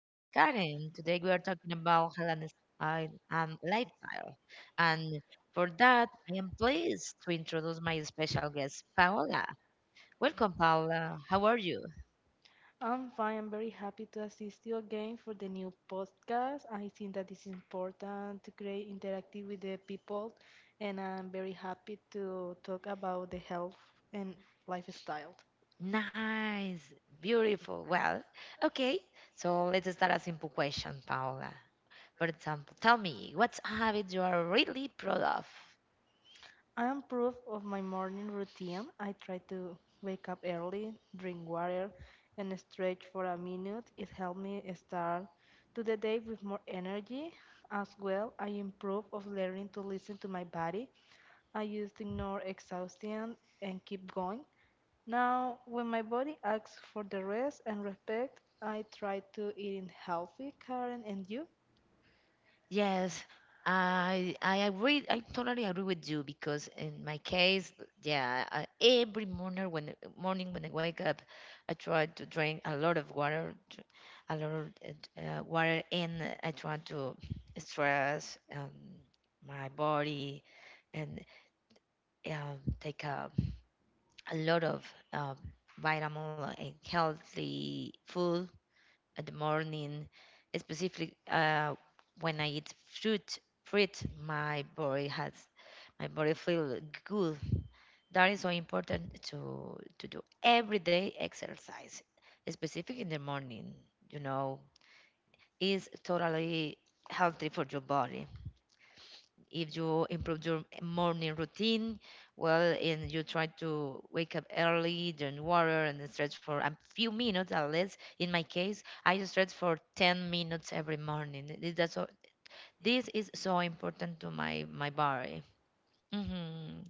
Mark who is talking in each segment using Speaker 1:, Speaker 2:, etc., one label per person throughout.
Speaker 1: This is Karen. Today we are talking about Helen style and lifestyle. And for that, I am pleased to introduce my special guest, Paola. Welcome, Paola. How are you?
Speaker 2: I'm fine. I'm very happy to assist you again for the new podcast. I think that it's important to create interactive with the people, and I'm very happy to talk about the health and lifestyle.
Speaker 1: Nice, beautiful. Well, okay. So let's start a simple question, Paola. For example, tell me what's a habit you are really proud of.
Speaker 2: I am proof of my morning routine. I try to wake up early, drink water, and stretch for a minute. It helped me start to the day with more energy. As well, I improve of learning to listen to my body. I used to ignore exhaustion and keep going. Now, when my body asks for the rest and respect, I try to eat healthy, Karen, and you.
Speaker 1: Yes, I agree. I totally agree with you because in my case, yeah, I, every morning when I wake up, I try to drink a lot of water, a lot of water, and I try to stress my body and take a lot of um, vitamin and healthy food at the morning, specifically when I eat fruit, fruit, my body has my body feel good. That is so important to do everyday exercise, specific in the morning. You know, is totally healthy for your body. If you improve your morning routine, well, and you try to wake up early, drink water, and then stretch for a few minutes at least. In my case, I stretch for 10 minutes every morning. This is so important to my body. hmm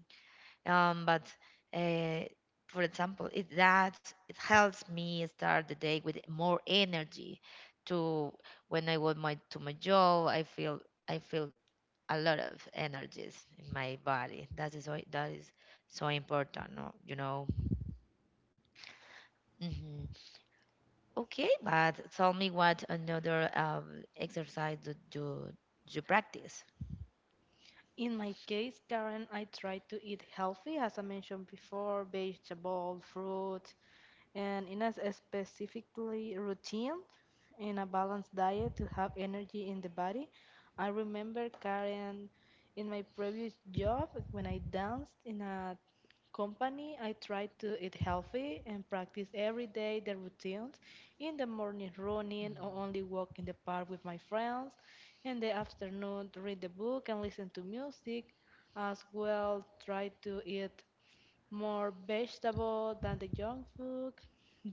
Speaker 1: But uh, for example, it that it helps me start the day with more energy. To When I go my to my job, I feel a lot of energies in my body. That is why that is so important, no? you know. hmm Okay, but tell me what another exercise do you practice?
Speaker 2: In my case, Karen, I try to eat healthy, as I mentioned before, vegetable, fruit, and in a specifically routine in a balanced diet to have energy in the body. I remember, Karen, in my previous job when I danced in a company. I try to eat healthy and practice every day the routines. In the morning, running or only
Speaker 1: Mm.
Speaker 2: walk in the park with my friends. In the afternoon, read the book and listen to music. As well, try to eat more vegetable than the junk food,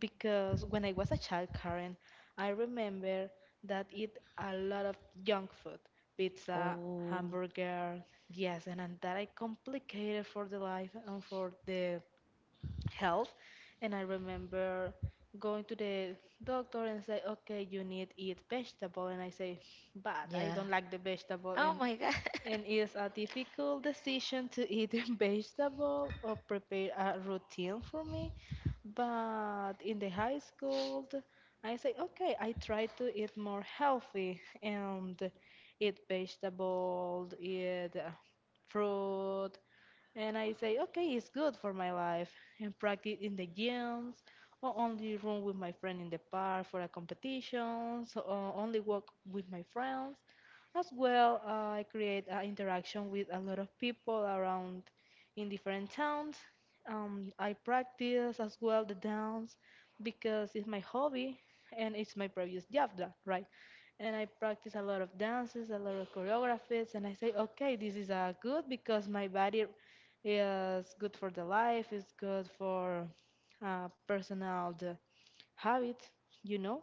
Speaker 2: because when I was a child, Karen, I remember that eat a lot of junk food, pizza,
Speaker 1: Oh,
Speaker 2: hamburger, yes, and that I complicated for the life and for the health. And I remember going to the doctor and say, okay, you need eat vegetable, and I say, but I
Speaker 1: yeah.
Speaker 2: don't like the vegetable,
Speaker 1: Oh
Speaker 2: and
Speaker 1: my God.
Speaker 2: and it's a difficult decision to eat vegetable or prepare a routine for me. But in the high school, I say, okay, I try to eat more healthy and eat vegetables, eat fruit. And I say, okay, it's good for my life. And practice in the gyms or only run with my friend in the park for a competitions or only walk with my friends. As well, I create interaction with a lot of people around in different towns. I practice as well the dance because it's my hobby and it's my previous job, right? And I practice a lot of dances, a lot of choreographies, and I say, okay, this is good because my body is good for the life, it's good for personal the habit, you know.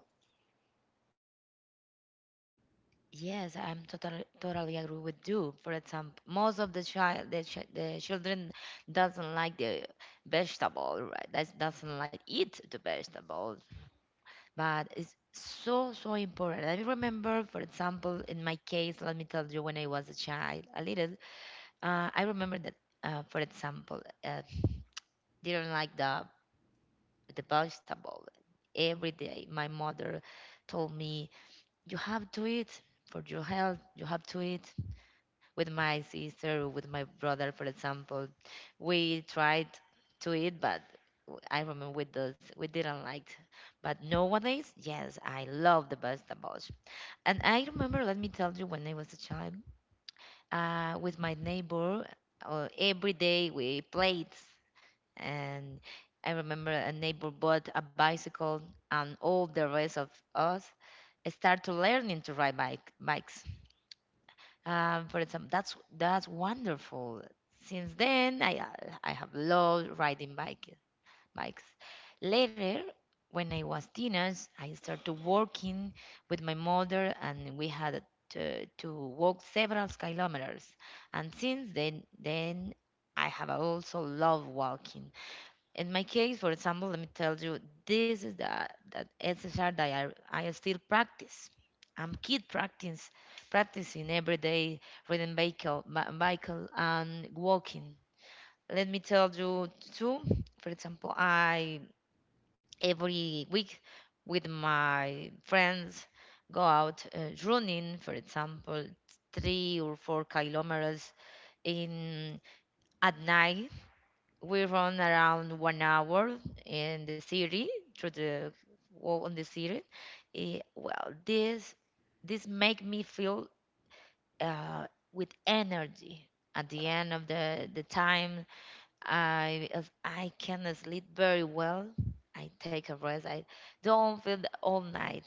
Speaker 1: Yes, I'm totally agree with you. For example, most of the the children doesn't like the vegetable, right? That doesn't like eat the vegetable. But it's so so important. I remember, for example, in my case, let me tell you, when I was a child, a little, I remember that for example, didn't like the vegetable. Every day my mother told me, you have to eat for your health. You have to eat with my sister, with my brother. For example, we tried to eat, but I remember with those we didn't like. But nowadays, yes, I love the vegetables. And I remember, let me tell you, when I was a child, with my neighbor, every day we played. And I remember a neighbor bought a bicycle, and all the rest of us started learning to ride bikes. For example, that's wonderful. Since then, I have loved riding bikes. Later, when I was teenage, I started working with my mother, and we had to walk several kilometers. And since then, I have also loved walking. In my case, for example, let me tell you, this is the that SSR that I still practice. I'm kid practicing every day, riding bicycle, bicycle, and walking. Let me tell you too. For example, I every week with my friends go out running, for example, 3 or 4 kilometers. In at night we run around 1 hour in the city through the walk on the city. Well, this make me feel uh, with energy. At the end of the time I, as I can sleep very well. I take a rest. I don't feel all night.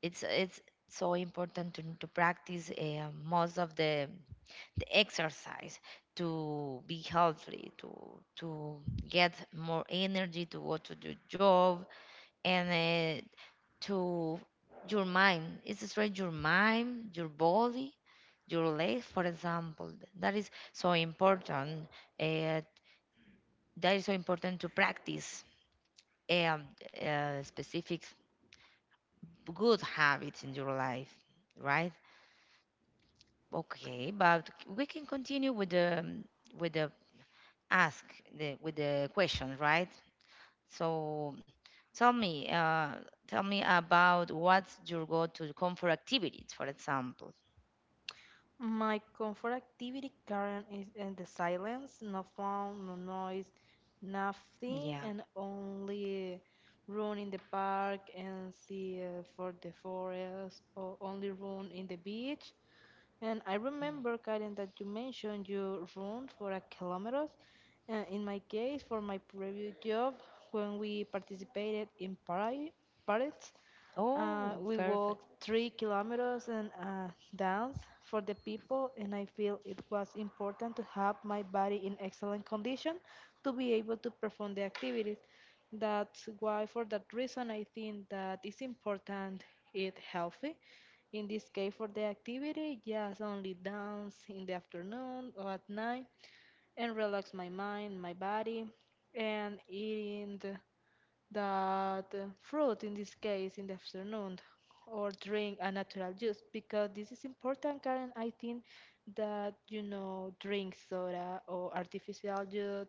Speaker 1: It's so important to practice most of the exercise to be healthy, to get more energy, to go to your job, and to your mind. It's straight your mind, your body, your legs, for example. That is so important, uh, that is so important to practice um, specific good habits in your life, right? Okay, but we can continue with the ask the with the question, right? So tell me, uh, tell me about what's your go-to comfort activities, for example.
Speaker 2: My comfort activity current is in the silence, no phone, no noise, nothing,
Speaker 1: Yeah.
Speaker 2: and only run in the park and see for the forest, or only run in the beach. And I remember, Karen, that you mentioned you run for a kilometers. In my case, for my previous job, when we participated in Paris,
Speaker 1: Oh,
Speaker 2: we
Speaker 1: perfect.
Speaker 2: walked 3 kilometers and danced for the people, and I feel it was important to have my body in excellent condition to be able to perform the activities. That's why, for that reason, I think that it's important eat healthy. In this case, for the activity, just only dance in the afternoon or at night and relax my mind, my body, and eating that fruit in this case in the afternoon, or drink a natural juice, because this is important, Karen. I think that, drink soda or artificial juice,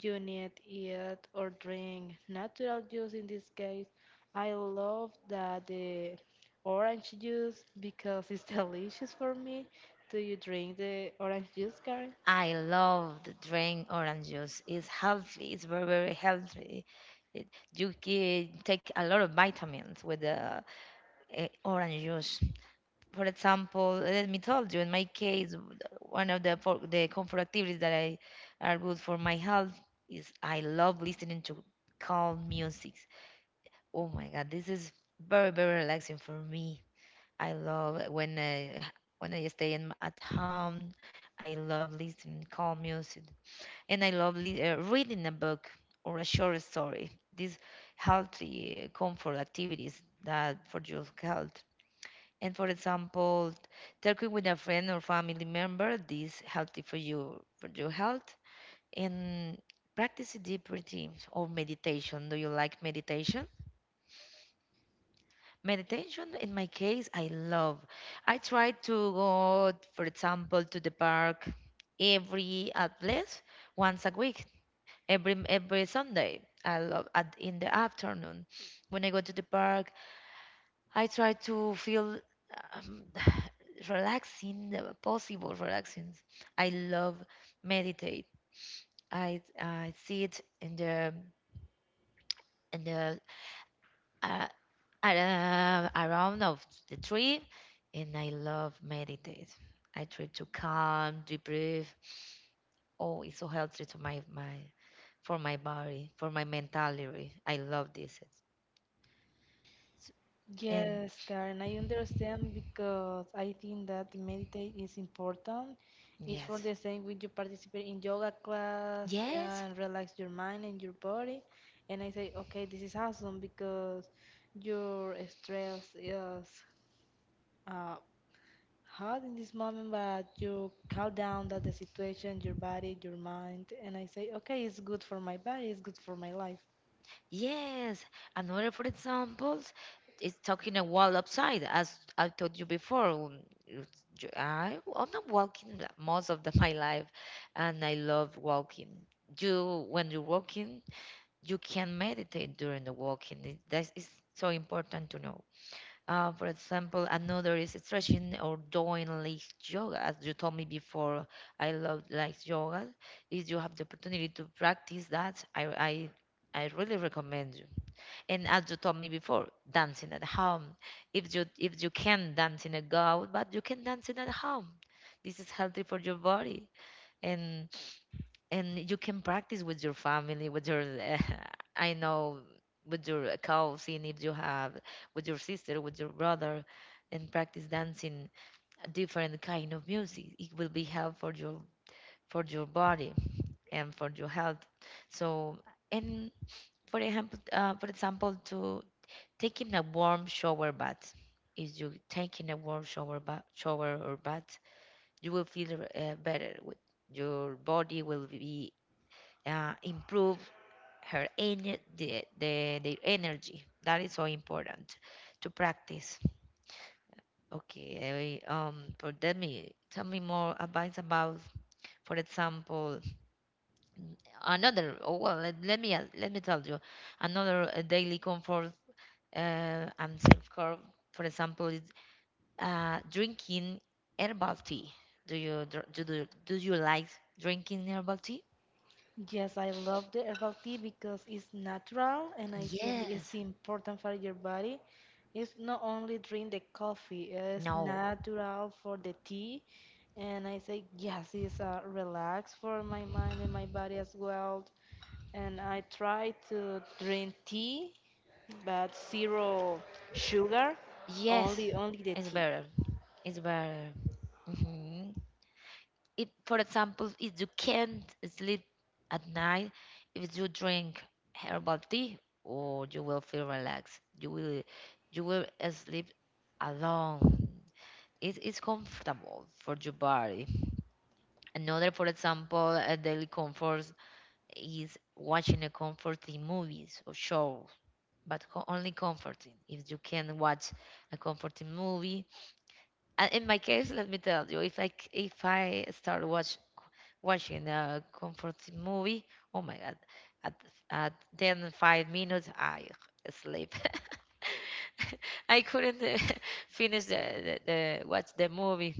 Speaker 2: you need it, or drink natural juice. In this case, I love that the orange juice because it's delicious for me. Do you drink the orange juice, Karen?
Speaker 1: I love to drink orange juice. It's healthy. It's very, very healthy. It, you can take a lot of vitamins with the orange juice. For example, let me tell you, in my case, one of the comfort activities that I are good for my health is I love listening to calm music. Oh my God, this is very, very relaxing for me. I love when when I stay at home. I love listening calm music, and I love reading a book or a short story. These healthy comfort activities that for your health. And for example, talking with a friend or family member, this healthy for you for your health. And practice deep routines or meditation. Do you like meditation? Meditation, in my case, I love. I try to go, for example, to the park every at least once a week, every Sunday. I love at in the afternoon when I go to the park. I try to feel um, relaxing, possible relaxing. I love meditate. I sit in the uh, around of the tree, and I love meditate. I try to calm, deep breathe. Oh, it's so healthy to my for my body, for my mentality. I love this. And
Speaker 2: Yes, Karen, I understand because I think that meditate is important. It's for
Speaker 1: yes,
Speaker 2: the same when you participate in yoga class
Speaker 1: yes,
Speaker 2: and relax your mind and your body. And I say, okay, this is awesome because your stress is uh, hard in this moment, but you calm down that the situation, your body, your mind. And I say, okay, it's good for my body, it's good for my life.
Speaker 1: yes. Another, for example, is talking a wall outside. As I told you before, it's I'm not walking most of my life, and I love walking. You, when you're walking, you can meditate during the walking. That is so important to know. For example, another is stretching or doing like yoga. As you told me before, I love like yoga. If you have the opportunity to practice that, I really recommend you. And as you told me before, dancing at home. If you can dance in a go out, but you can dance it at home. This is healthy for your body, and you can practice with your family, with your I know, with your cousin if you have, with your sister, with your brother, and practice dancing a different kind of music. It will be help for your body and for your health. So, and for example, to taking a warm shower bath. If you taking a warm shower or bath, you will feel better with your body. Will be improve her ener the, their energy. That is so important to practice. Okay, for tell me more advice about, for example, another. Oh well, let me let me tell you, another daily comfort and self care. For example, is drinking herbal tea. Do you do you like drinking herbal tea?
Speaker 2: Yes, I love the herbal tea because it's natural and I think it's
Speaker 1: Yes.
Speaker 2: important for your body. It's not only drink the coffee, it's
Speaker 1: No.
Speaker 2: natural for the tea. And I say, yes, it's relax for my mind and my body as well. And I try to drink tea, but zero sugar, only
Speaker 1: Yes,
Speaker 2: only the
Speaker 1: it's
Speaker 2: tea.
Speaker 1: better. It's better. Hmm. It, for example, if you can't sleep at night, if you drink herbal tea, or you will feel relaxed. You will sleep alone. It is comfortable for your body. Another, for example, a daily comfort is watching a comforting movies or shows, but only comforting. If you can watch a comforting movie. And in my case, let me tell you, if I if I start watching a comforting movie, oh my god, at at then 5 minutes I sleep. I couldn't finish the watch the movie.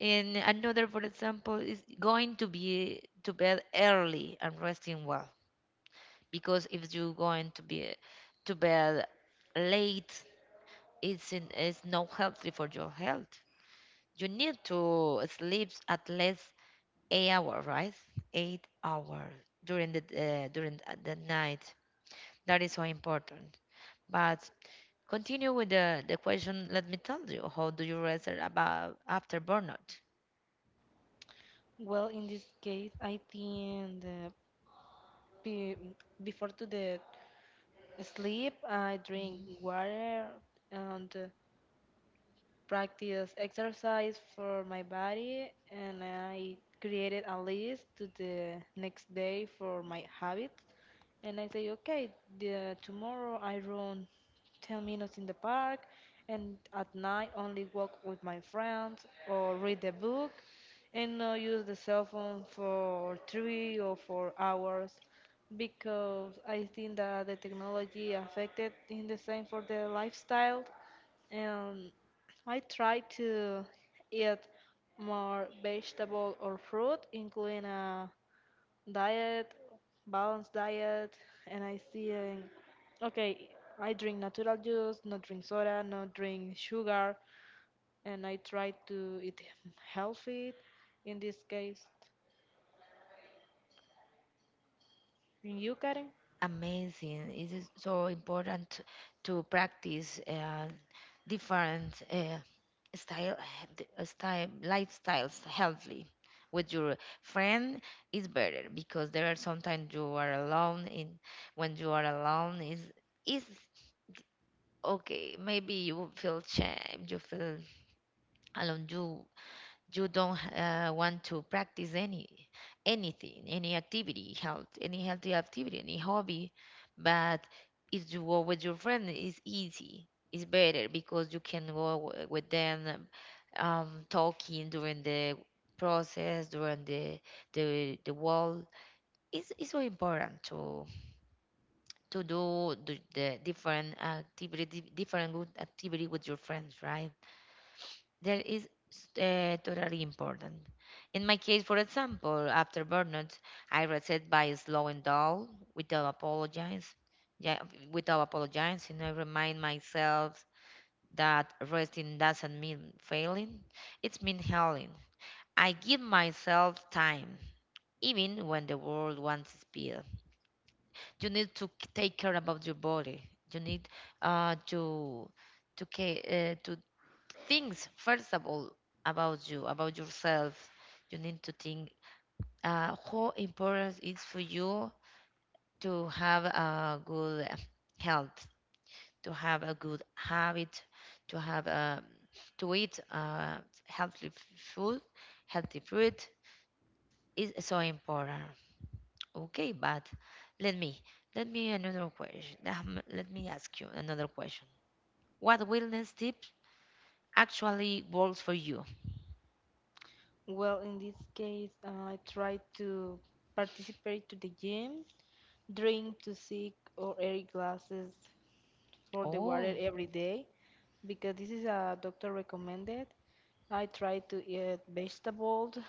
Speaker 1: And another, for example, is going to be to bed early and resting well. Because if you're going to be to bed late, it's not healthy for your health. You need to sleep at least 8 hours, right? 8 hours during the night. That is so important. But continue with the question. Let me tell you, how do you rest about after burnout?
Speaker 2: Well, in this case, I think be, before to the sleep, I drink water, and practice exercise for my body, and I created a list to the next day for my habits. And I say, okay, tomorrow I run 10 minutes in the park, and at night only walk with my friends or read a book and not use the cell phone for 3 or 4 hours because I think that the technology affected in the same for the lifestyle, and I try to eat more vegetable or fruit, including diet, balanced diet, and I see, okay, I drink natural juice, not drink soda, not drink sugar, and I try to eat healthy. In this case, in you, Karen?
Speaker 1: Amazing. It is so important to practice different style, style lifestyles healthy. With your friend is better, because there are sometimes you are alone. In when you are alone is okay. Maybe you feel shame, you feel alone. You don't want to practice anything, any activity health, any healthy activity, any hobby. But if you go with your friend, it's easy, it's better, because you can go with them, talking during the process, during the wall. It's so important to do the different activity, different good activity with your friends, right? That is totally important. In my case, for example, after burnout, I reset by slowing down without yeah, without apologizing. I remind myself that resting doesn't mean failing; it's mean healing. I give myself time, even when the world wants speed. You need to take care about your body. You need uh, to to care, to things first of all about you, about yourself. You need to think how important it is for you to have a good health, to have a good habit, to have to eat healthy food. Healthy fruit is so important. Okay, but let me let me another question. Let me ask you another question. What wellness tip actually works for you?
Speaker 2: Well, in this case, I try to participate to the gym, drink to 6 or 8 glasses for the
Speaker 1: Oh
Speaker 2: water every day because this is a doctor recommended. I try to eat vegetables,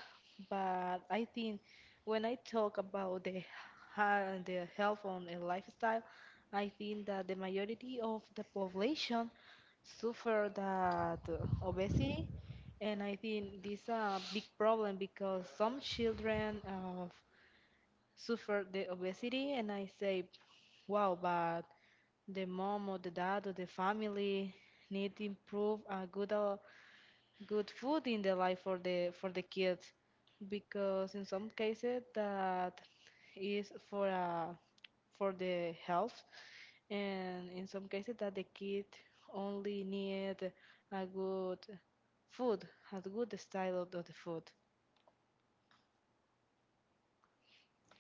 Speaker 2: but I think when I talk about the the health on and the lifestyle, I think that the majority of the population suffer that obesity, and I think this is a big problem because some children suffer the obesity, and I say, wow, but the mom or the dad or the family need to improve a good good food in the life for the kids, because in some cases that is for the health, and in some cases that the kid only need a good food, a good style of the food.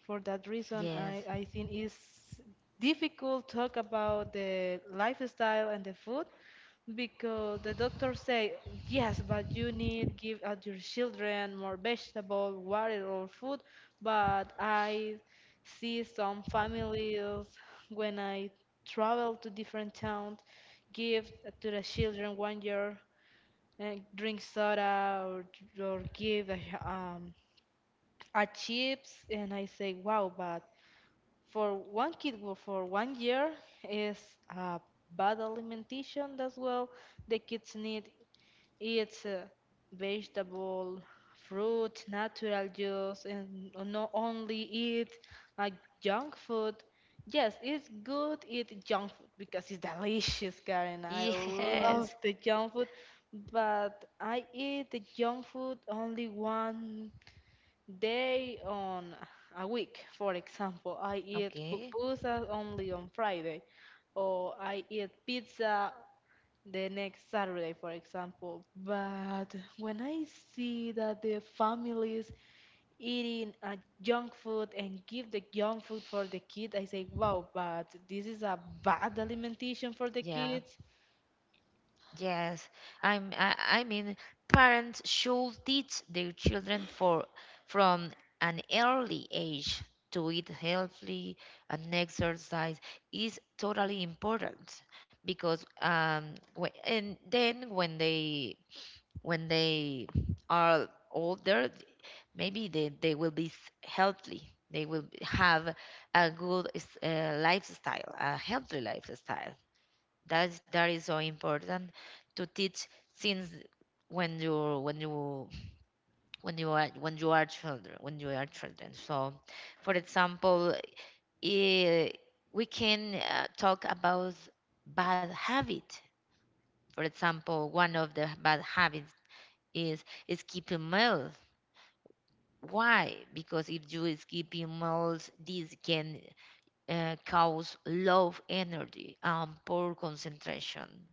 Speaker 2: For that reason,
Speaker 1: yes.
Speaker 2: I think it's difficult talk about the lifestyle and the food, because the doctors say yes, but you need give at your children more vegetable, water, or food. But I see some families when I travel to different towns give to the children 1 year and drink soda or give um, a chips, and I say, wow, but for one kid, for 1 year is uh, bad alimentation. As well, the kids need eats vegetable, fruit, natural juice, and not only eat uh, junk food. Yes, it's good eat junk food because it's delicious, Karen. I love
Speaker 1: Yes.
Speaker 2: the junk food, but I eat the junk food only one day on a week, for example. I eat
Speaker 1: Okay.
Speaker 2: pupusas only on Friday, or I eat pizza the next Saturday, for example. But when I see that the families eating a junk food and give the junk food for the kid, I say, wow, but this is a bad alimentation for the
Speaker 1: Yeah.
Speaker 2: kids.
Speaker 1: Yes. I'm. I, I mean, parents should teach their children for from an early age to eat healthy, and exercise is totally important because and then when they are older, maybe they will be healthy, they will have a good lifestyle, a healthy lifestyle. That is so important to teach since when you when you are children so for example, eh, we can talk about bad habit. For example, one of the bad habits is keeping meals. Why? Because if you skip emails, this can cause low energy and poor concentration.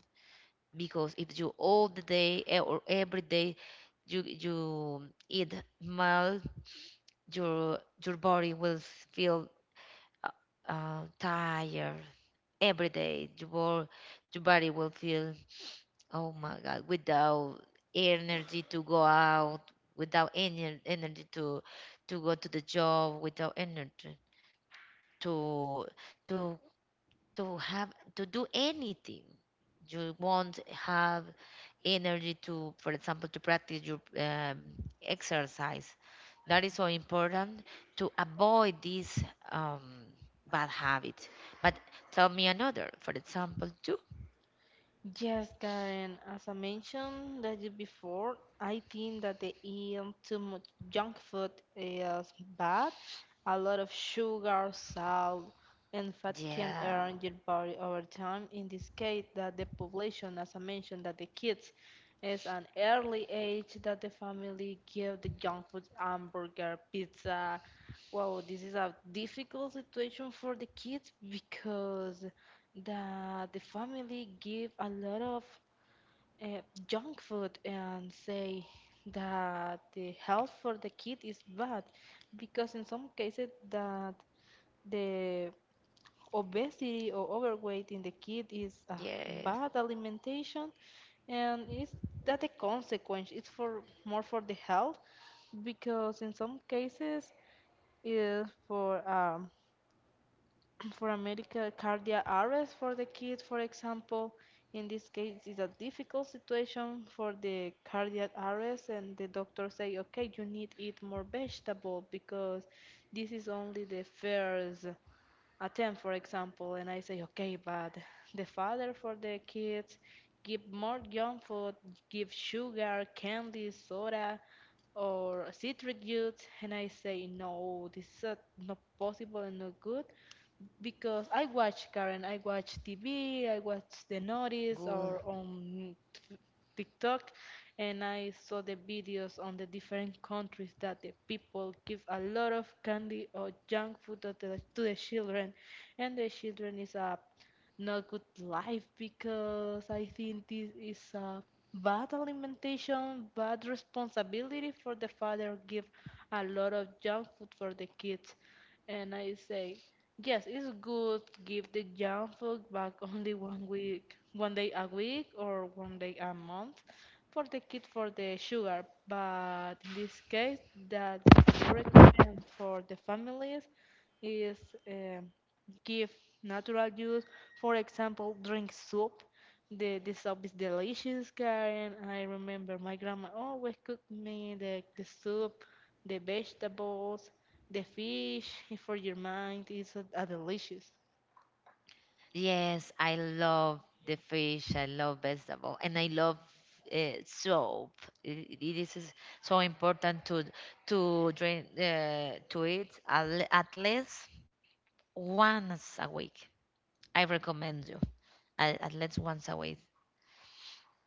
Speaker 1: Because if you all the day or every day you eat meal, your your body will feel uh, tired every day. Your body will feel, oh my God, without energy to go out, without any energy to go to the job, without energy to to to have to do anything. You won't have energy to, for example, to practice your exercise. That is so important to avoid this um, bad habit. But tell me another, for example, too.
Speaker 2: Yes, Karen, as I mentioned that you before, I think that they eat too much junk food is bad. A lot of sugar, salt, and fat can
Speaker 1: Yeah,
Speaker 2: harm your body over time. In this case, that the population, as I mentioned, that the kids is an early age that the family give the junk food, hamburger, pizza. Wow, this is a difficult situation for the kids because that the family give a lot of uh, junk food, and say that the health for the kid is bad because in some cases that the obesity or overweight in the kid is a
Speaker 1: yes,
Speaker 2: bad alimentation, and is that a consequence it's for more for the health, because in some cases is for for a medical cardiac arrest for the kid, for example. In this case, it's a difficult situation for the cardiac arrest, and the doctor say, okay, you need eat more vegetable because this is only the first attempt, for example. And I say, okay, but the father for the kids give more junk food, give sugar, candy, soda, or citric juice, and I say, no, this is not possible and not good, because I watch, Karen, I watch TV, I watch the notice
Speaker 1: good.
Speaker 2: or on TikTok, and I saw the videos on the different countries that the people give a lot of candy or junk food to the children, and the children is a not good life because I think this is a bad alimentation, bad responsibility for the father give a lot of junk food for the kids, and I say. Yes, it's good. Give the junk food back only one week, one day a week or one day a month for the kid for the sugar. But in this case, that the major recommend for the families is um give natural juice. For example, drink soup. The soup is delicious, Karen. I remember my grandma always cooked me the soup, the vegetables, the fish. For your mind, it's a delicious.
Speaker 1: Yes, I love the fish. I love vegetable, and I love soap. It is so important to drink to eat at least once a week. I recommend you at least once a week.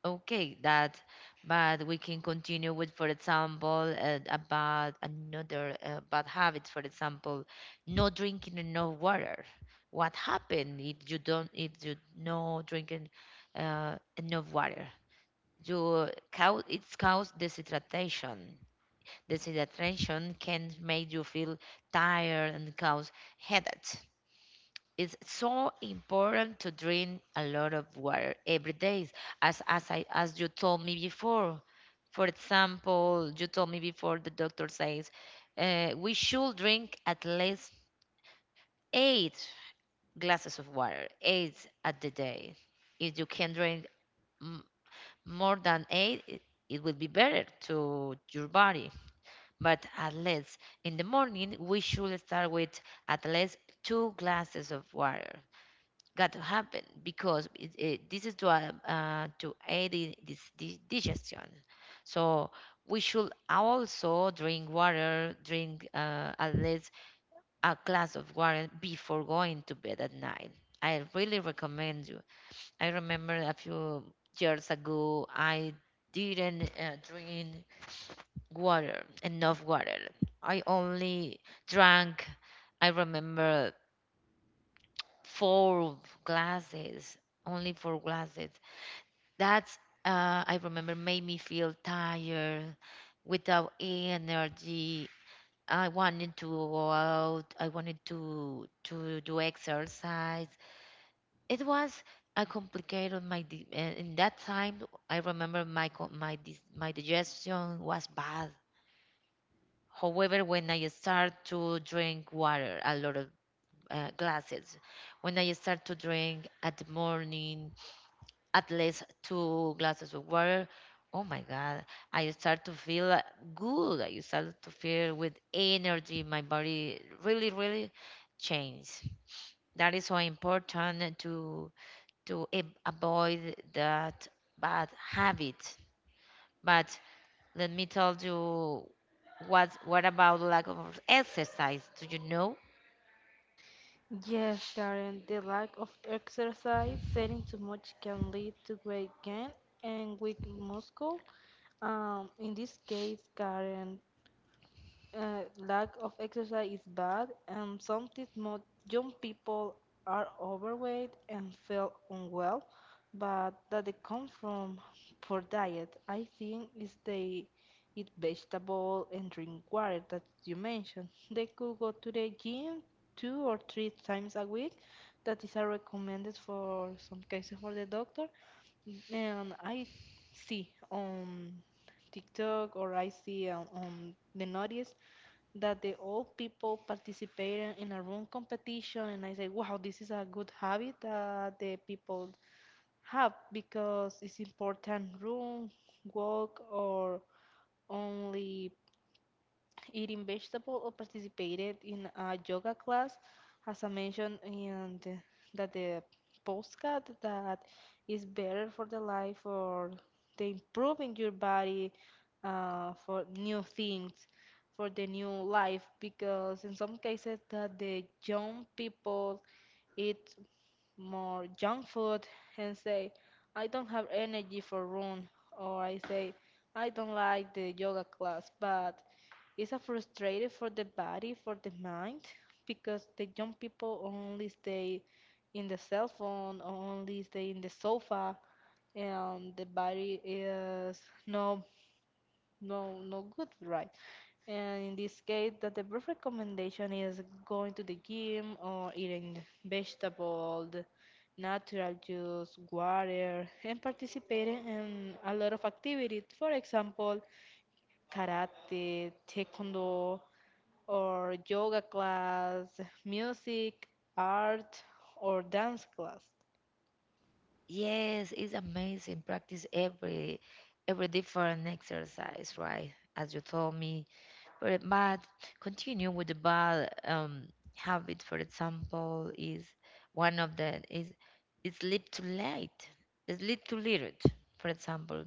Speaker 1: Okay, that, but we can continue with, for example, about another bad habits. For example, no drinking enough water. What happen if you don't, if you no drinking enough water? You cause it's cause dehydration. Dehydration can make you feel tired and cause headache. It's so important to drink a lot of water every day, as you told me before. For example, you told me before the doctor says, we should drink at least eight glasses of water, eight at the day. If you can drink m- more than eight, it will be better to your body. But at least in the morning we should start with at least two glasses of water got to happen, because this is to aid in this digestion. So we should also drink water, drink at least a glass of water before going to bed at night. I really recommend you. I remember a few years ago I didn't drink water enough water. I only drank. I remember four glasses, only four glasses. That's I remember made me feel tired, without energy. I wanted to go out. I wanted to do exercise. It was a complicated in that time. I remember my co- my dis- my digestion was bad. However, when I start to drink water, a lot of glasses, when I start to drink at the morning, at least two glasses of water. Oh my God, I start to feel good. I start to feel with energy. My body really, really changed. That is so important to avoid that bad habit. But let me tell you, what about lack of exercise? Do you know?
Speaker 2: Yes, Karen, the lack of exercise, sitting too much can lead to weight gain and weak muscle. In this case, Karen, lack of exercise is bad, and something most young people are overweight and feel unwell, but that they come from poor diet. I think if they eat vegetable and drink water that you mentioned. They could go to the gym two or three times a week. That is a recommended for some cases for the doctor. And I see on TikTok or I see on, the notice that the old people participated in a room competition and I say, wow, this is a good habit that the people have because it's important room walk or only eating vegetable or participated in a yoga class as I mentioned in the, that the postcard that is better for the life or the improving your body for new things for the new life because in some cases that the young people eat more junk food and say, I don't have energy for run, or I say, I don't like the yoga class, but it's a frustrating for the body, for the mind, because the young people only stay in the cell phone, only stay in the sofa, and the body is not no good, right? And in this case that the best recommendation is going to the gym or eating vegetables, natural juice, water, and participating in a lot of activities, for example, karate, taekwondo, or yoga class, music, art, or dance class.
Speaker 1: Yes, it's amazing. Practice every different exercise, right? As you told me. But continue with the bad habit. For example, is one of the is sleep too late. Sleep too little, for example.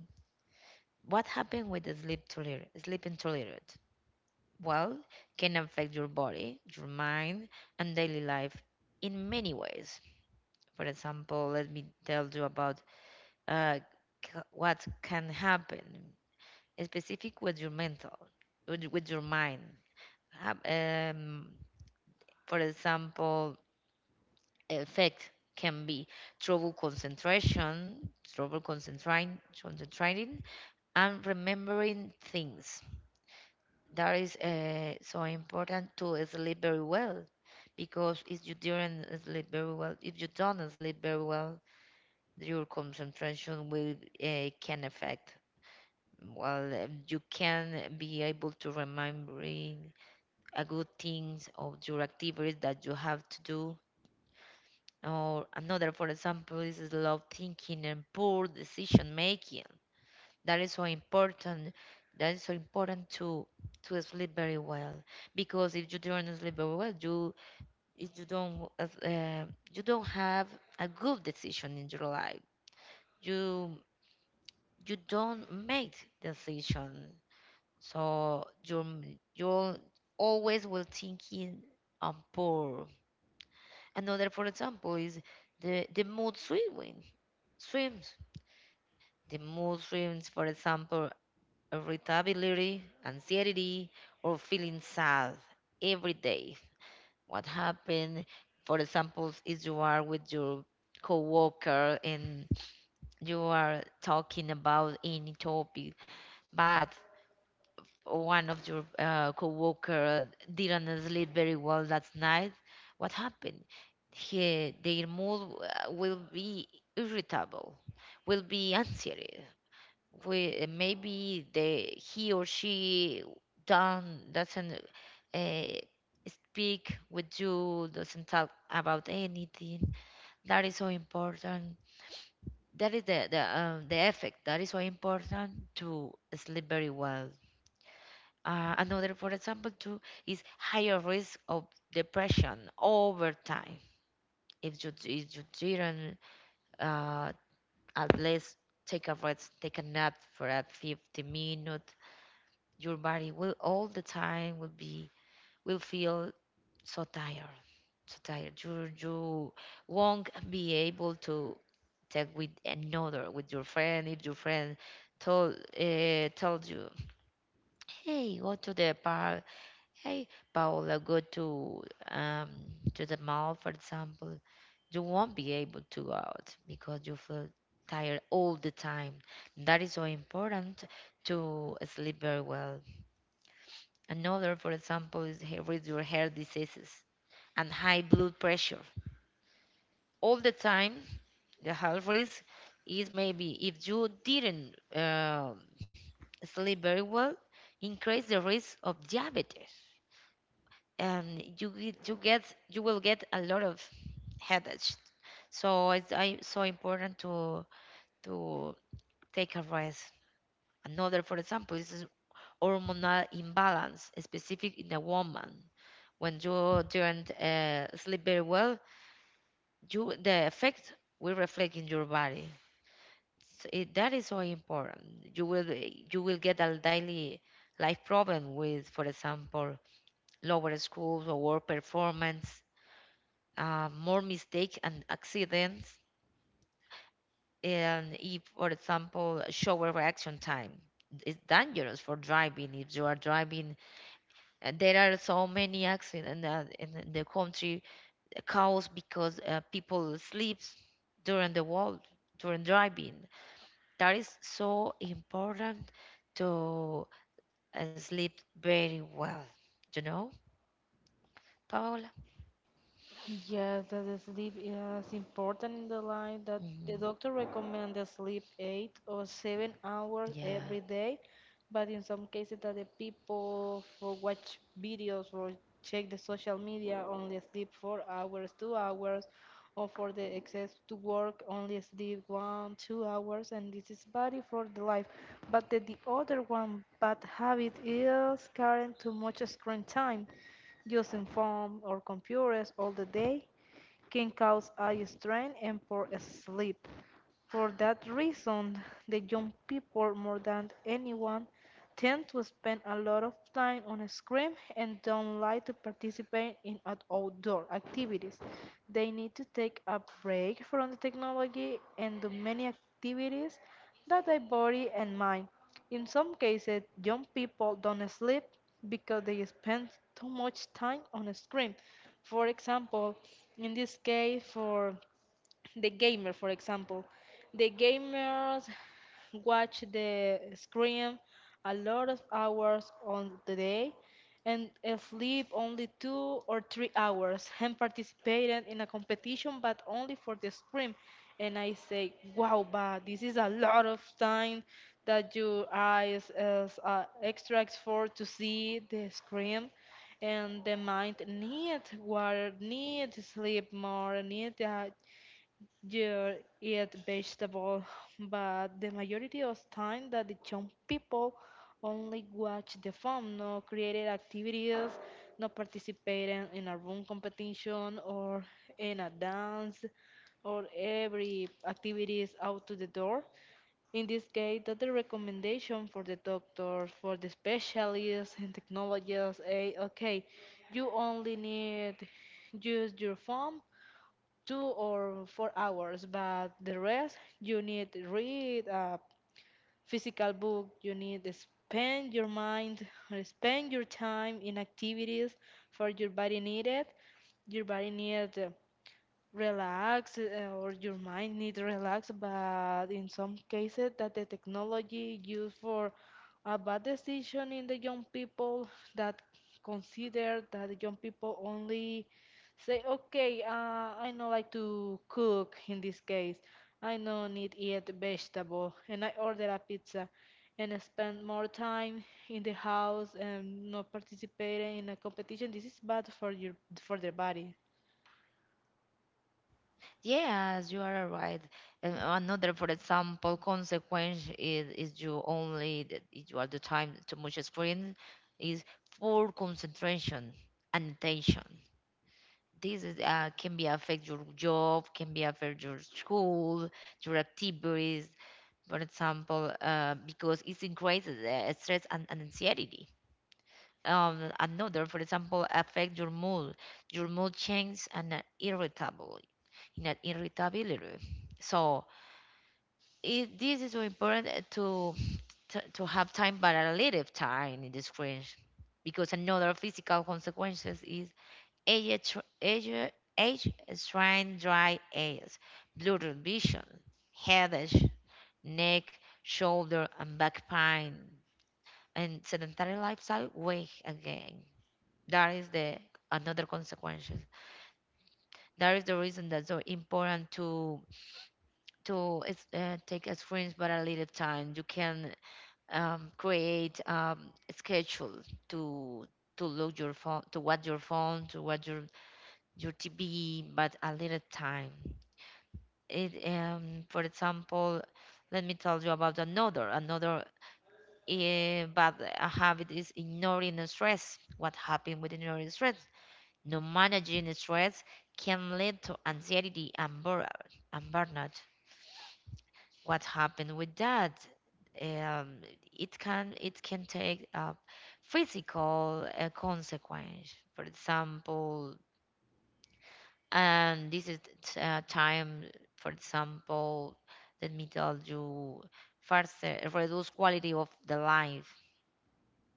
Speaker 1: What happened with the sleep too little? Sleeping too little, well, can affect your body, your mind, and daily life in many ways. For example, let me tell you about uh, what can happen specific with your mental, with your mind. Hap- um, for example, effect can be trouble concentration, trouble concentrating and remembering things. That is so important to sleep very well, because if you don't sleep very well, your concentration will can affect well, you can be able to remembering a good things of your activities that you have to do. Or another, for example, is love thinking and poor decision making. that is so important that is so important to sleep very well, because if you don't sleep very well, you if you don't you don't have a good decision in your life, you you don't make decision. So you'll always will thinking, I'm poor. Another, for example, is the mood swings. Swims. The mood swings, for example, irritability, anxiety, or feeling sad every day. What happened, for example, is you are with your coworker and you are talking about any topic, but one of your co-worker didn't sleep very well that night. What happened? Their mood will be irritable, will be anxiety. Maybe he or she don't, doesn't uh, speak with you, doesn't talk about anything. That is so important. That is the effect. That is so important to sleep very well. Another, for example, too, is higher risk of depression over time if you didn't uh, at least take a rest, take a nap for a 50 minutes. Your body will all the time will feel so tired, so tired. You won't be able to talk with another with your friend. If your friend told you, hey, go to the park. Hey, Paola, go um to the mall, for example. You won't be able to go out because you feel tired all the time. That is so important to sleep very well. Another, for example, is with your hair diseases and high blood pressure. All the time, the health risk is, maybe if you didn't sleep very well, increase the risk of diabetes. And you will get a lot of headaches. So so important to take a rest. Another, for example, is hormonal imbalance, specific in a woman. When you don't sleep very well, you the effect will reflect in your body. So that is so important. You will you will get a daily life problem with, for example, lower schools or work performance, more mistakes and accidents. And if, for example, shower reaction time is dangerous for driving. If you are driving, there are so many accidents in the country caused because people sleep during the walk, during driving. That is so important to sleep very well. You know, Paola?
Speaker 2: Yes, that the sleep is important in the life. That the
Speaker 1: Mhm.
Speaker 2: doctor recommend the sleep 8 or 7 hours
Speaker 1: Yeah.
Speaker 2: every day, but in some cases that the people for watch videos or check the social media only sleep 4 hours, 2 hours, or for the excess to work only sleep one, 2 hours, and this is bad for the life. But the other one bad habit is current too much screen time. Using phones or computers all the day can cause eye strain and poor sleep. For that reason, the young people more than anyone tend to spend a lot of time on a screen and don't like to participate in outdoor activities. They need to take a break from the technology and do many activities that their body and mind. In some cases, young people don't sleep because they spend too much time on a screen. For example, in this case, for the gamer, for example, the gamers watch the screen a lot of hours on the day and sleep only 2 or 3 hours and participated in a competition but only for the screen, and I say, wow, but this is a lot of time that your eyes is, extracts for to see the screen and the mind needs water, needs sleep more, needs you eat vegetable, but the majority of time that the young people only watch the phone, no created activities, no participating in a room competition or in a dance or every activities out to the door. In this case, that the recommendation for the doctors, for the specialists and technologists, eh, okay, you only need use your phone 2 or 4 hours, but the rest you need to read a physical book, you need to spend your mind or spend your time in activities for your body needed. Your body needs relax or your mind need relax, but in some cases that the technology used for a bad decision in the young people that consider that the young people only say, okay, I know like to cook, in this case I know need eat vegetable and I order a pizza and spend more time in the house and not participating in a competition. This is bad for your for their body.
Speaker 1: Yes, you are right. And another, for example, consequence is you only that if you are the time too much screen is poor concentration and attention. Can be affect your job, can be affect your school, your activities. For example, because it increases stress and anxiety. Another, for example, affect your mood. Your mood changes and irritable, in an irritability. So this is so important to, to have time but a little time in the screen, because another physical consequences is age tr- age age strain, dry eyes, blurred vision, headache, neck, shoulder and back pain, and sedentary lifestyle weigh again. That is the another consequences. That is the reason that's so important to take a screens but a little time. You can create a schedule to to look your phone, to watch your phone, to watch your TV but a little time. It um, for example, let me tell you about another but a habit is ignoring the stress. What happened with ignoring stress? No managing the stress can lead to anxiety and burnout. What happened with that? um, it can take a physical consequence. For example, and time, for example. Let me tell you first, reduce quality of the life,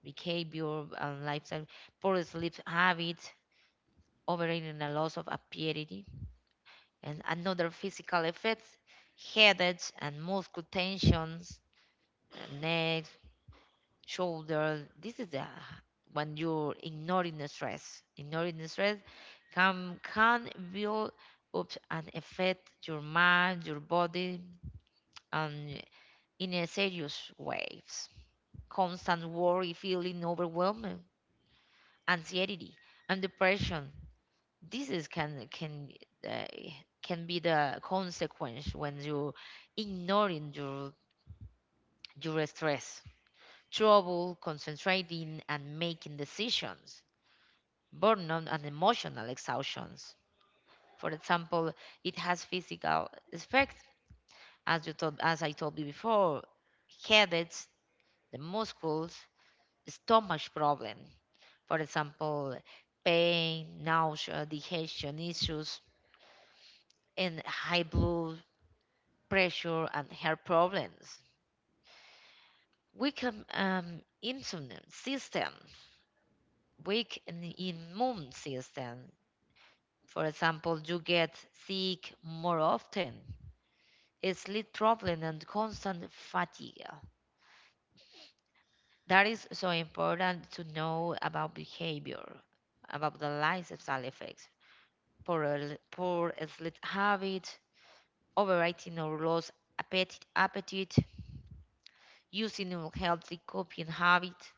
Speaker 1: behavior and lifestyle, poor sleep habits, overeating and loss of appetite. And another physical effects: headaches and muscle tensions, neck, shoulder. This is the, when you're ignoring the stress. Ignoring the stress can build up and affect your mind, your body, and in a serious ways. Constant worry, feeling overwhelmed, anxiety, and depression. This is uh, can be the consequence when you ignoring your stress, trouble concentrating and making decisions. Burnout, and emotional exhaustions. For example, it has physical effects, as I told you before, headaches, the muscles, stomach problem. For example, pain, nausea, digestion issues, and high blood pressure and hair problems. Weak immune system, weak immune system. For example, you get sick more often, sleep traveling and constant fatigue. That is so important to know about behavior, about the lifestyle effects, poor, poor sleep habit, overeating or lost appetite, using unhealthy coping habit.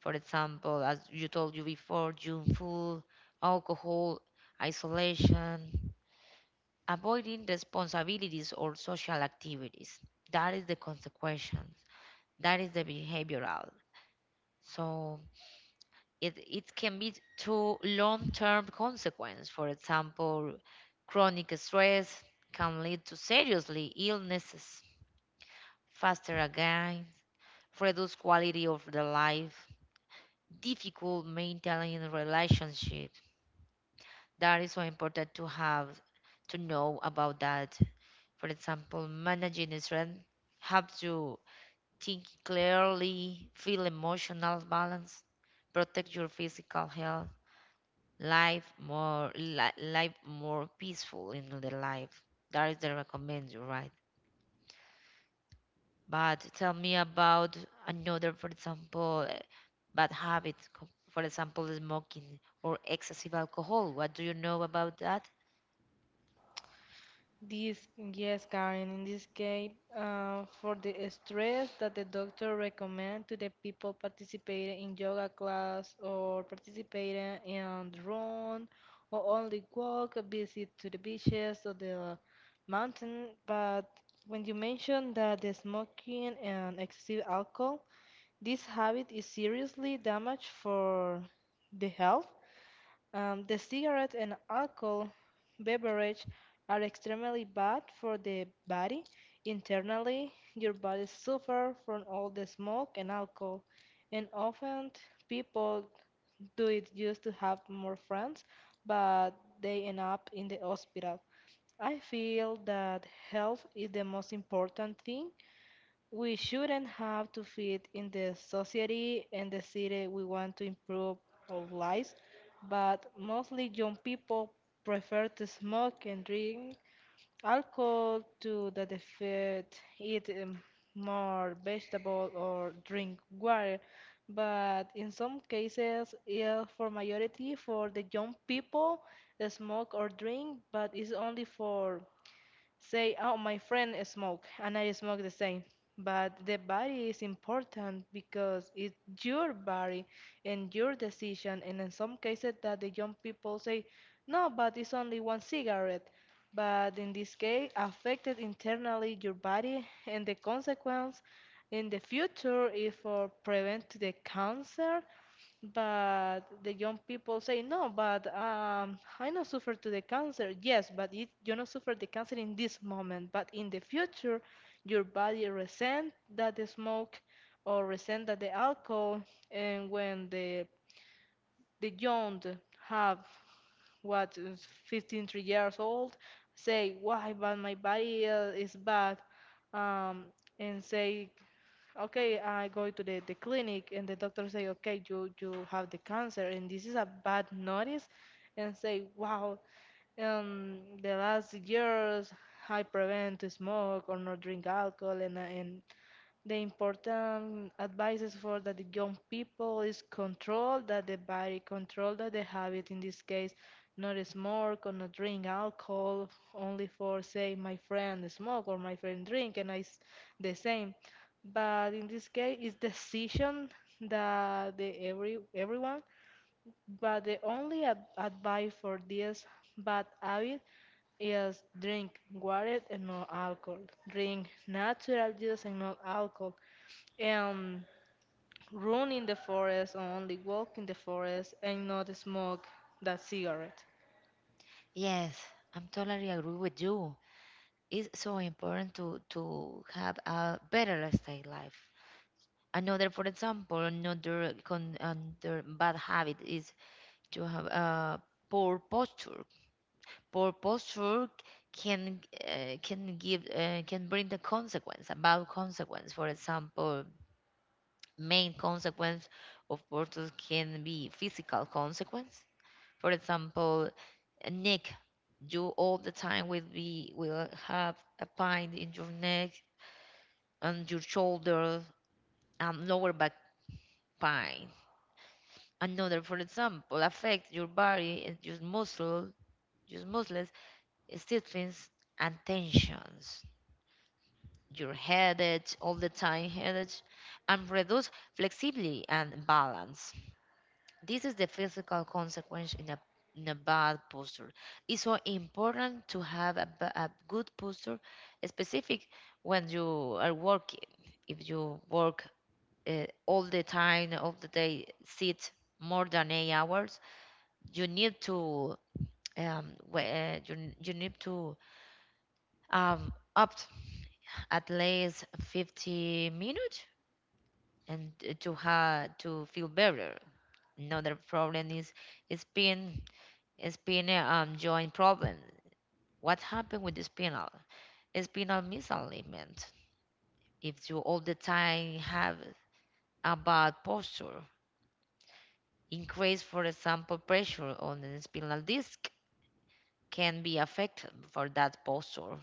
Speaker 1: For example, as you told you before, junk food, alcohol, isolation, avoiding responsibilities or social activities. That is the consequence. That is the behavioral. So it can be to long-term consequence. For example, chronic stress can lead to seriously illnesses, faster again, reduced quality of the life, difficult maintaining relationship. That is so important to have to know about that. For example, managing stress help to think clearly, feel emotional balance, protect your physical health, life more life more peaceful in the life. That is the recommend you, right? But tell me about another, for example, bad habit, for example smoking or excessive alcohol. What do you know about that?
Speaker 2: This, yes, Karen, in this case, for the stress that the doctor recommend to the people participating in yoga class or participating in run or only walk, a visit to the beaches or the mountain. But when you mention that the smoking and excessive alcohol, this habit is seriously damage for the health, the cigarette and alcohol beverage are extremely bad for the body. Internally, your body suffers from all the smoke and alcohol, and often people do it just to have more friends, but they end up in the hospital. I feel that health is the most important thing. We shouldn't have to fit in the society and the city. We want to improve our lives, but mostly young people prefer to smoke and drink alcohol to the defeat, eat more vegetable or drink water. But in some cases, yeah, for majority, for the young people, they smoke or drink, but it's only for say, oh, my friend smoke and I smoke the same. But the body is important because it's your body and your decision. And in some cases that the young people say, no, but it's only one cigarette. But in this case, affected internally your body and the consequence in the future is for prevent the cancer, but the young people say, no, but I not suffer to the cancer. Yes, but it, you not suffer the cancer in this moment. But in the future, your body resent that the smoke or resent that the alcohol. And when the young have, what, is 15, 3 years old, say, why, but my body is bad. Um, and say, okay, I go to the clinic, and the doctor say, okay, you have the cancer, and this is a bad notice, and say, wow, the last years I prevent to smoke or not drink alcohol. And the important advices for the young people is control that the body, control that the habit. In this case, not smoke or not drink alcohol. Only for say my friend smoke or my friend drink, and I s- the same. But in this case, it's decision that the everyone. But the only advice for this bad habit is drink water and no alcohol. Drink natural juice and not alcohol, um, run in the forest or only walk in the forest and not smoke that cigarette.
Speaker 1: Yes, I'm totally agree with you. It's so important to have a better lifestyle life. Another, for example, another con another bad habit is to have a poor posture. Poor posture can can give, can bring the consequence about consequence. For example, main consequence of posture can be physical consequence. For example, a neck, you all the time will be, will have a pain in your neck and your shoulder and lower back pain. Another, for example, affect your body and your muscle, your muscles stiffness and tensions, your headaches, all the time headaches, and reduce flexibility and balance. This is the physical consequence in a, bad posture. It's so important to have a, a good posture, specific when you are working. If you work all the time, all the day, sit more than 8 hours, you need to you, you need to opt at least 50 minutes and to ha to feel better. Another problem is spin spin joint problem. What happened with the spinal misalignment? If you all the time have a bad posture, increase for example pressure on the spinal disc can be affected for that posture.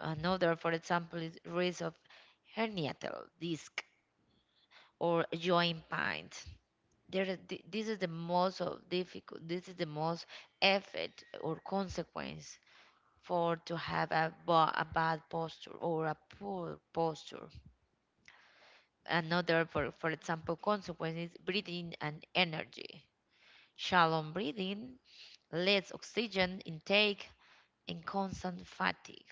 Speaker 1: Another, for example, is risk of herniatal disc or joint pain. There is this is the most of difficult, this is the most effort or consequence for to have a, a bad posture or a poor posture. Another, for example consequence is breathing and energy, shallow breathing, less oxygen intake and constant fatigue.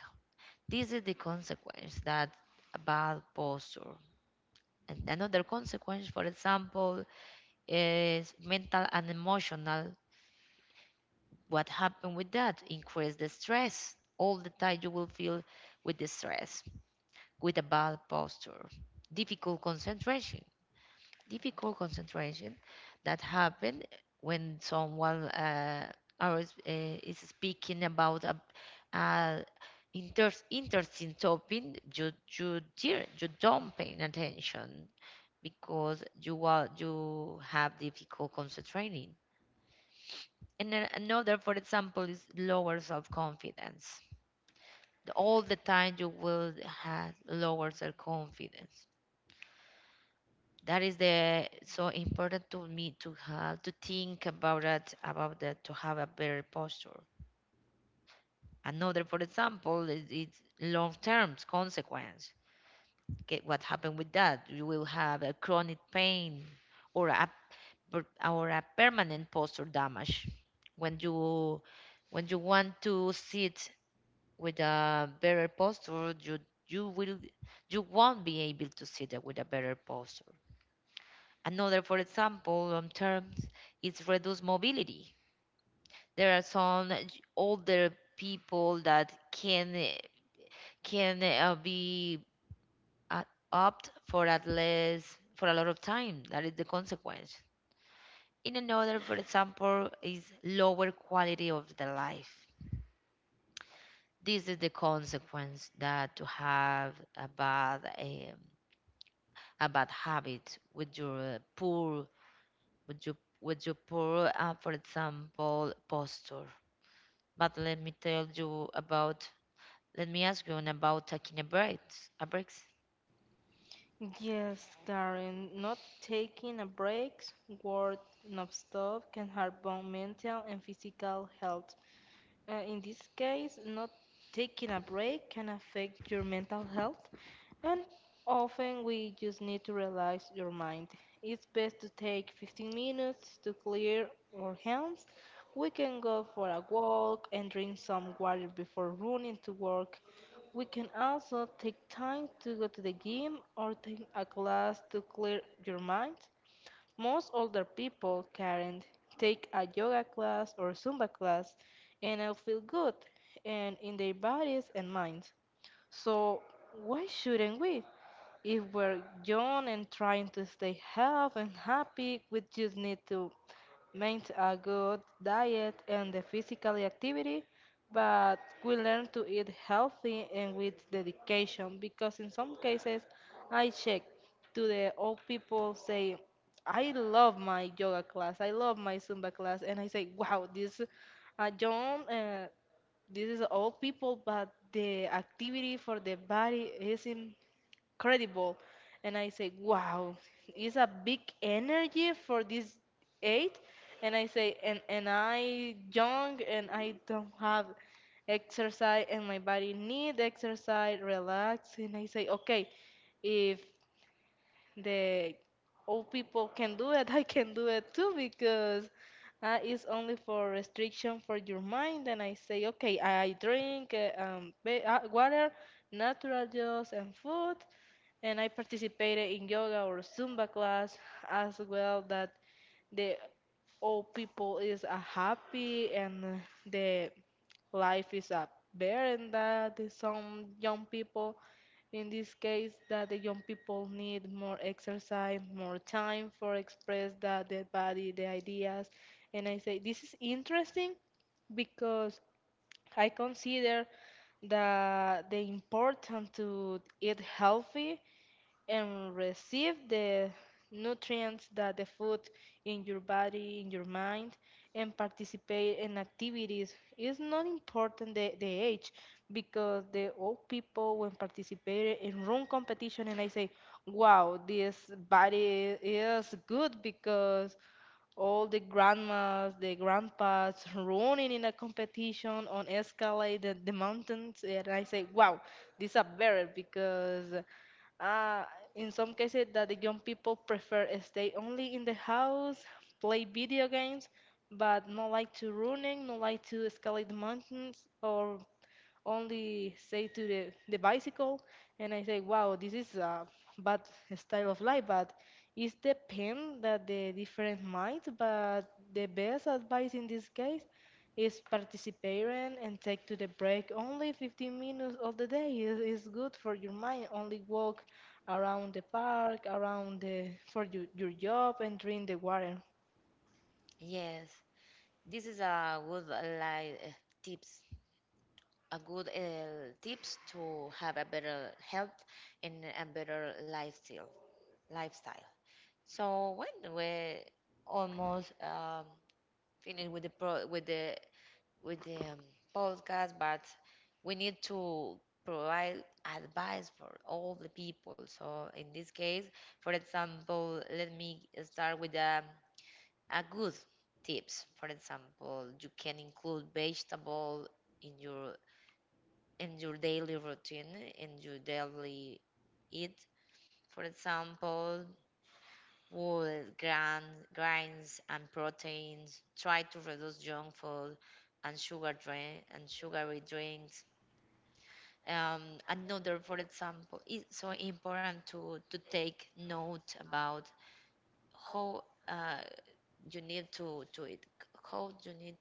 Speaker 1: This is the consequence that a bad posture. And another consequence, for example, is mental and emotional. What happened with that? Increase the stress. All the time you will feel with the stress, with a bad posture, difficult concentration, difficult concentration. That happen when someone is is speaking about a, a inter- interesting topic. You dear, you don't pay attention because you have difficult concentrating. And then another, for example, is lower self confidence. All the time you will have lower self confidence. That is the so important to me to have to think about that, about that, to have a better posture. Another, for example, is long term consequence. Get what happened with that? You will have a chronic pain or a permanent posture damage. When you, want to sit with a better posture, you will, you won't be able to sit there with a better posture. Another, for example, long term is reduced mobility. There are some older people that can can be uh, opt for at least for a lot of time. That is the consequence. In another, for example, is lower quality of the life. This is the consequence that to have a bad habit with your poor, with your poor, for example, posture. But let me tell you about, let me ask you on about taking a breaks, a breaks.
Speaker 2: Yes, Karen, not taking a break, work nonstop, can harm both mental and physical health. In this case, not taking a break can affect your mental health. And often we just need to relax your mind. It's best to take 15 minutes to clear our hands. We can go for a walk and drink some water before running to work. We can also take time to go to the gym or take a class to clear your mind. Most older people, Karen, take a yoga class or Zumba class and they feel good and in their bodies and minds. So why shouldn't we? If we're young and trying to stay healthy and happy, we just need to maintain a good diet and the physical activity. But we learn to eat healthy and with dedication because in some cases I check to the old people say, I love my yoga class, I love my Zumba class, and I say, wow, this uh, young, uh, this is old people, but the activity for the body is in incredible. And I say, wow, it's a big energy for this eight. And I say, and I young and I don't have exercise and my body need exercise, relax. And I say, okay, if the old people can do it, I can do it too because it's only for restriction for your mind. And I say, okay, I drink water, natural juice and food and I participated in yoga or Zumba class as well that the old people is happy and the life is up better and that some young people in this case that the young people need more exercise, more time for express that their body the ideas, and I say this is interesting because I consider the important to eat healthy and receive the nutrients that the food in your body, in your mind, and participate in activities. It's not important the age because the old people when participated in room competition and I say, wow, this body is good because all the grandmas, the grandpas running in a competition on escalate the mountains, and I say, wow, this a better because uh, in some cases that the young people prefer stay only in the house, play video games, but not like to running, not like to escalate the mountains or only say to the bicycle, and I say, wow, this is a bad style of life, but it's the pen that the different minds, but the best advice in this case is participating and take to the break only 15 minutes of the day is good for your mind, only walk around the park around the for your job and drink the water.
Speaker 1: Yes, this is a good like tips, a good tips to have a better health and a better lifestyle. Lifestyle. So when we almost finished with the pro with the with the um, podcast, but we need to provide advice for all the people. So in this case, for example, let me start with a good tips. For example, you can include vegetable in your daily routine, in your daily eat. For example, wool, gran, grains, and proteins. Try to reduce junk food and sugar drink and sugary drinks. Um, Another, for example, it's so important to, take note about how uh, you need to it, how you need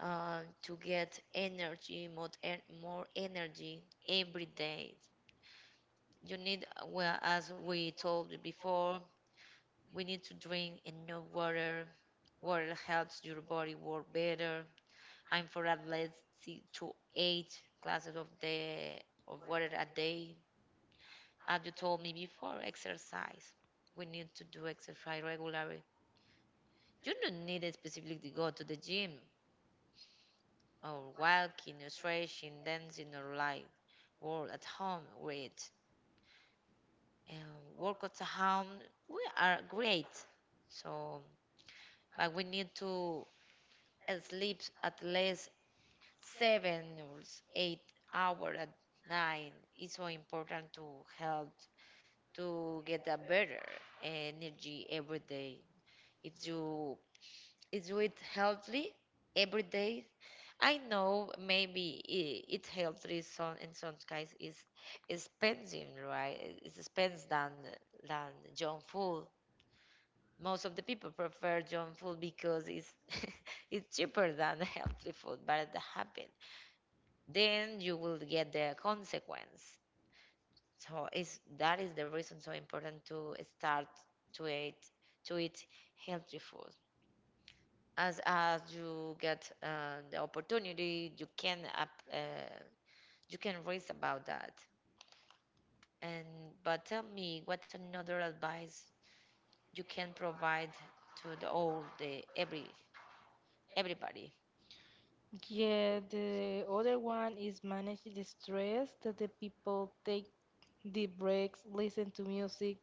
Speaker 1: to get energy, more energy every day. You need, well, as we told you before, we need to drink enough water. Water helps your body work better. I'm for at least six to eight glasses of the of water a day. As you told me before, exercise. We need to do exercise regularly. You don't need specifically to go to the gym or walking or stretching, dancing or live or at home, read and workouts at home. We are great. So, but we need to sleep at least 7 or 8 hours at night. It's so important to help to get a better energy every day. If you is do it healthily every day. I know maybe it's healthy some in some guys is expensive, right? It's expensive than junk food. Most of the people prefer junk food because it's it's cheaper than healthy food, but that happen. Then you will get the consequence. So is that is the reason so important to start to eat to eat healthy food. As you get the opportunity, you can you can raise about that. And but tell me what another advice you can provide to the all the everybody.
Speaker 2: Yeah, the other one is manage the stress that the people take deep breaks, listen to music,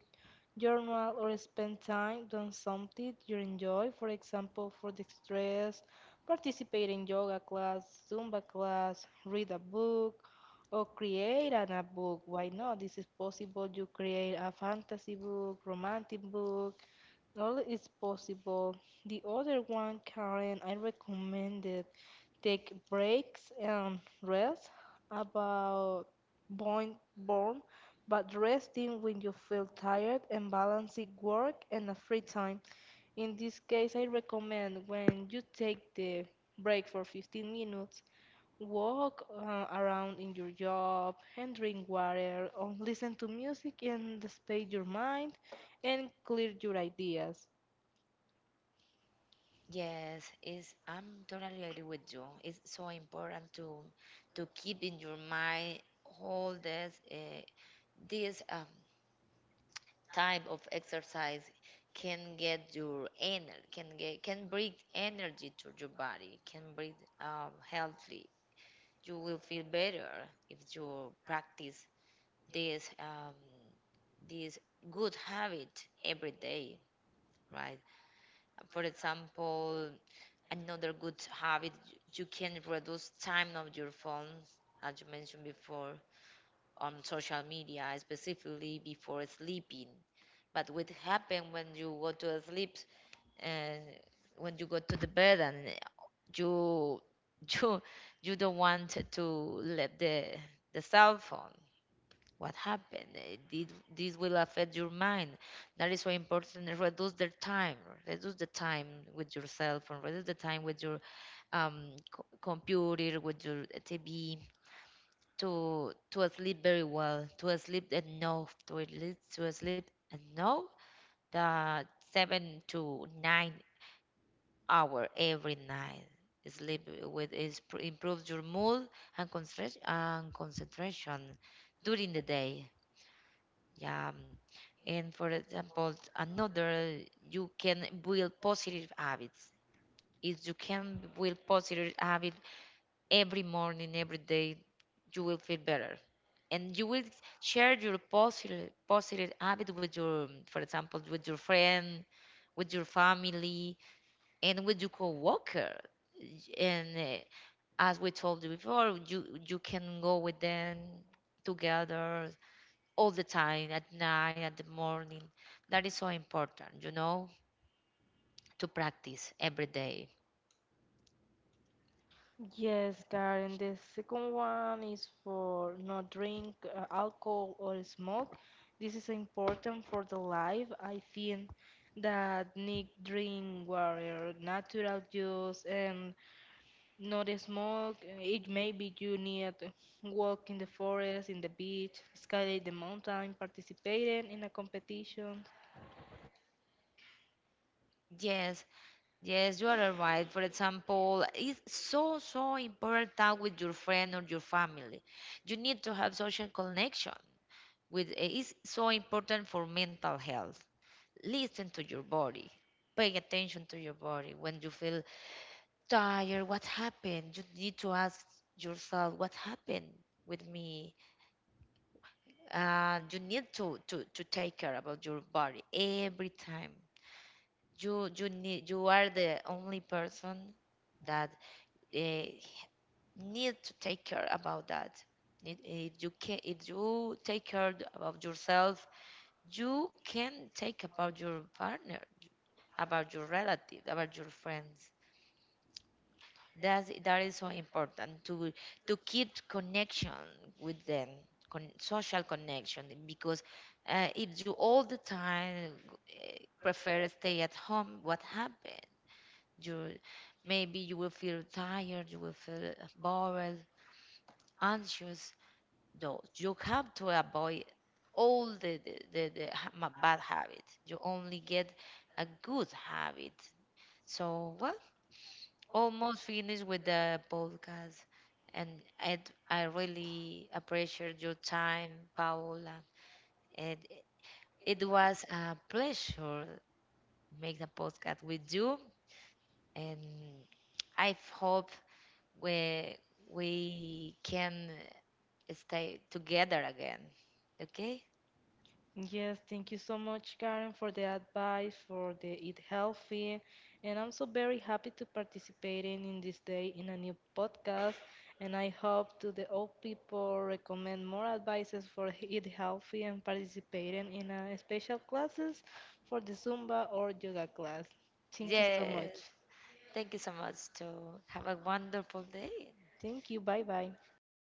Speaker 2: journal, or spend time doing something you enjoy. For example, for the stress, participate in yoga class, Zumba class, read a book, or create an, a book. Why not? This is possible. You create a fantasy book, romantic book. All is possible. The other one, Karen, I recommend it take breaks and rest about point born but resting when you feel tired and balancing work and a free time in this case I recommend when you take the break for 15 minutes walk around in your job and drink water or listen to music and space your mind and clear your ideas.
Speaker 1: Yes, is, I'm totally agree with you. It's so important to keep in your mind all this this um, type of exercise. Can get your energy, can get, can bring energy to your body, can bring healthy. You will feel better if you practice this this good habit every day, right? For example, another good habit, you can reduce time of your phone, as you mentioned before, on social media, specifically before sleeping. But what happen when you go to sleep and when you go to the bed and you you you don't want to let the cell phone? What happened? Did this will affect your mind? That is why important to reduce the time, reduce the time with your cell phone, reduce the time with your computer, with your tv, to sleep very well, to sleep enough, to sleep enough the 7 to 9 hour every night. Sleep with is pr- improves your mood and concentration, during the day. Yeah. And for example, another, you can build positive habits. If you can build positive habit every morning, every day, you will feel better. And you will share your positive habit with your, for example, with your friend, with your family, and with your coworker. And as we told you before, you can go with them together all the time, at night, at the morning. That is so important, you know, to practice every day.
Speaker 2: Yes, Karen. The second one is for not drink alcohol or smoke. This is important for the life. I think that need drink water, natural juice, and not smoke. It maybe you need walk in the forest, in the beach, skyline the mountain, participating in a competition.
Speaker 1: Yes, Yes, you are right. For example, it's so, so important time with your friend or your family. You need to have social connection with, it's so important for mental health. Listen to your body. Pay attention to your body. When you feel tired, what happened? You need to ask yourself, what happened with me? You need to, to take care about your body every time. You need, you are the only person that uh, need to take care about that. If you can, if you take care about yourself, you can take about your partner, about your relative, about your friends. That is so important to keep connection with them, social connection. Because if you all the time prefer stay at home, what happened? You, maybe you will feel tired, you will feel bored, anxious. No, you have to avoid all the, the bad habits. You only get a good habit. So, well, almost finished with the podcast. And I, I really appreciate your time, Paola. And it was a pleasure make the podcast with you. And I hope we, we can stay together again. Okay?
Speaker 2: Yes, thank you so much, Karen, for the advice, for the eat healthy. And I'm so very happy to participating in this day in a new podcast. And I hope to the old people recommend more advices for eat healthy and participating in special classes for the Zumba or yoga class. Thank you so
Speaker 1: Yes.
Speaker 2: much.
Speaker 1: Thank you so much. To have a wonderful day.
Speaker 2: Thank you. Bye bye.
Speaker 1: Thank you.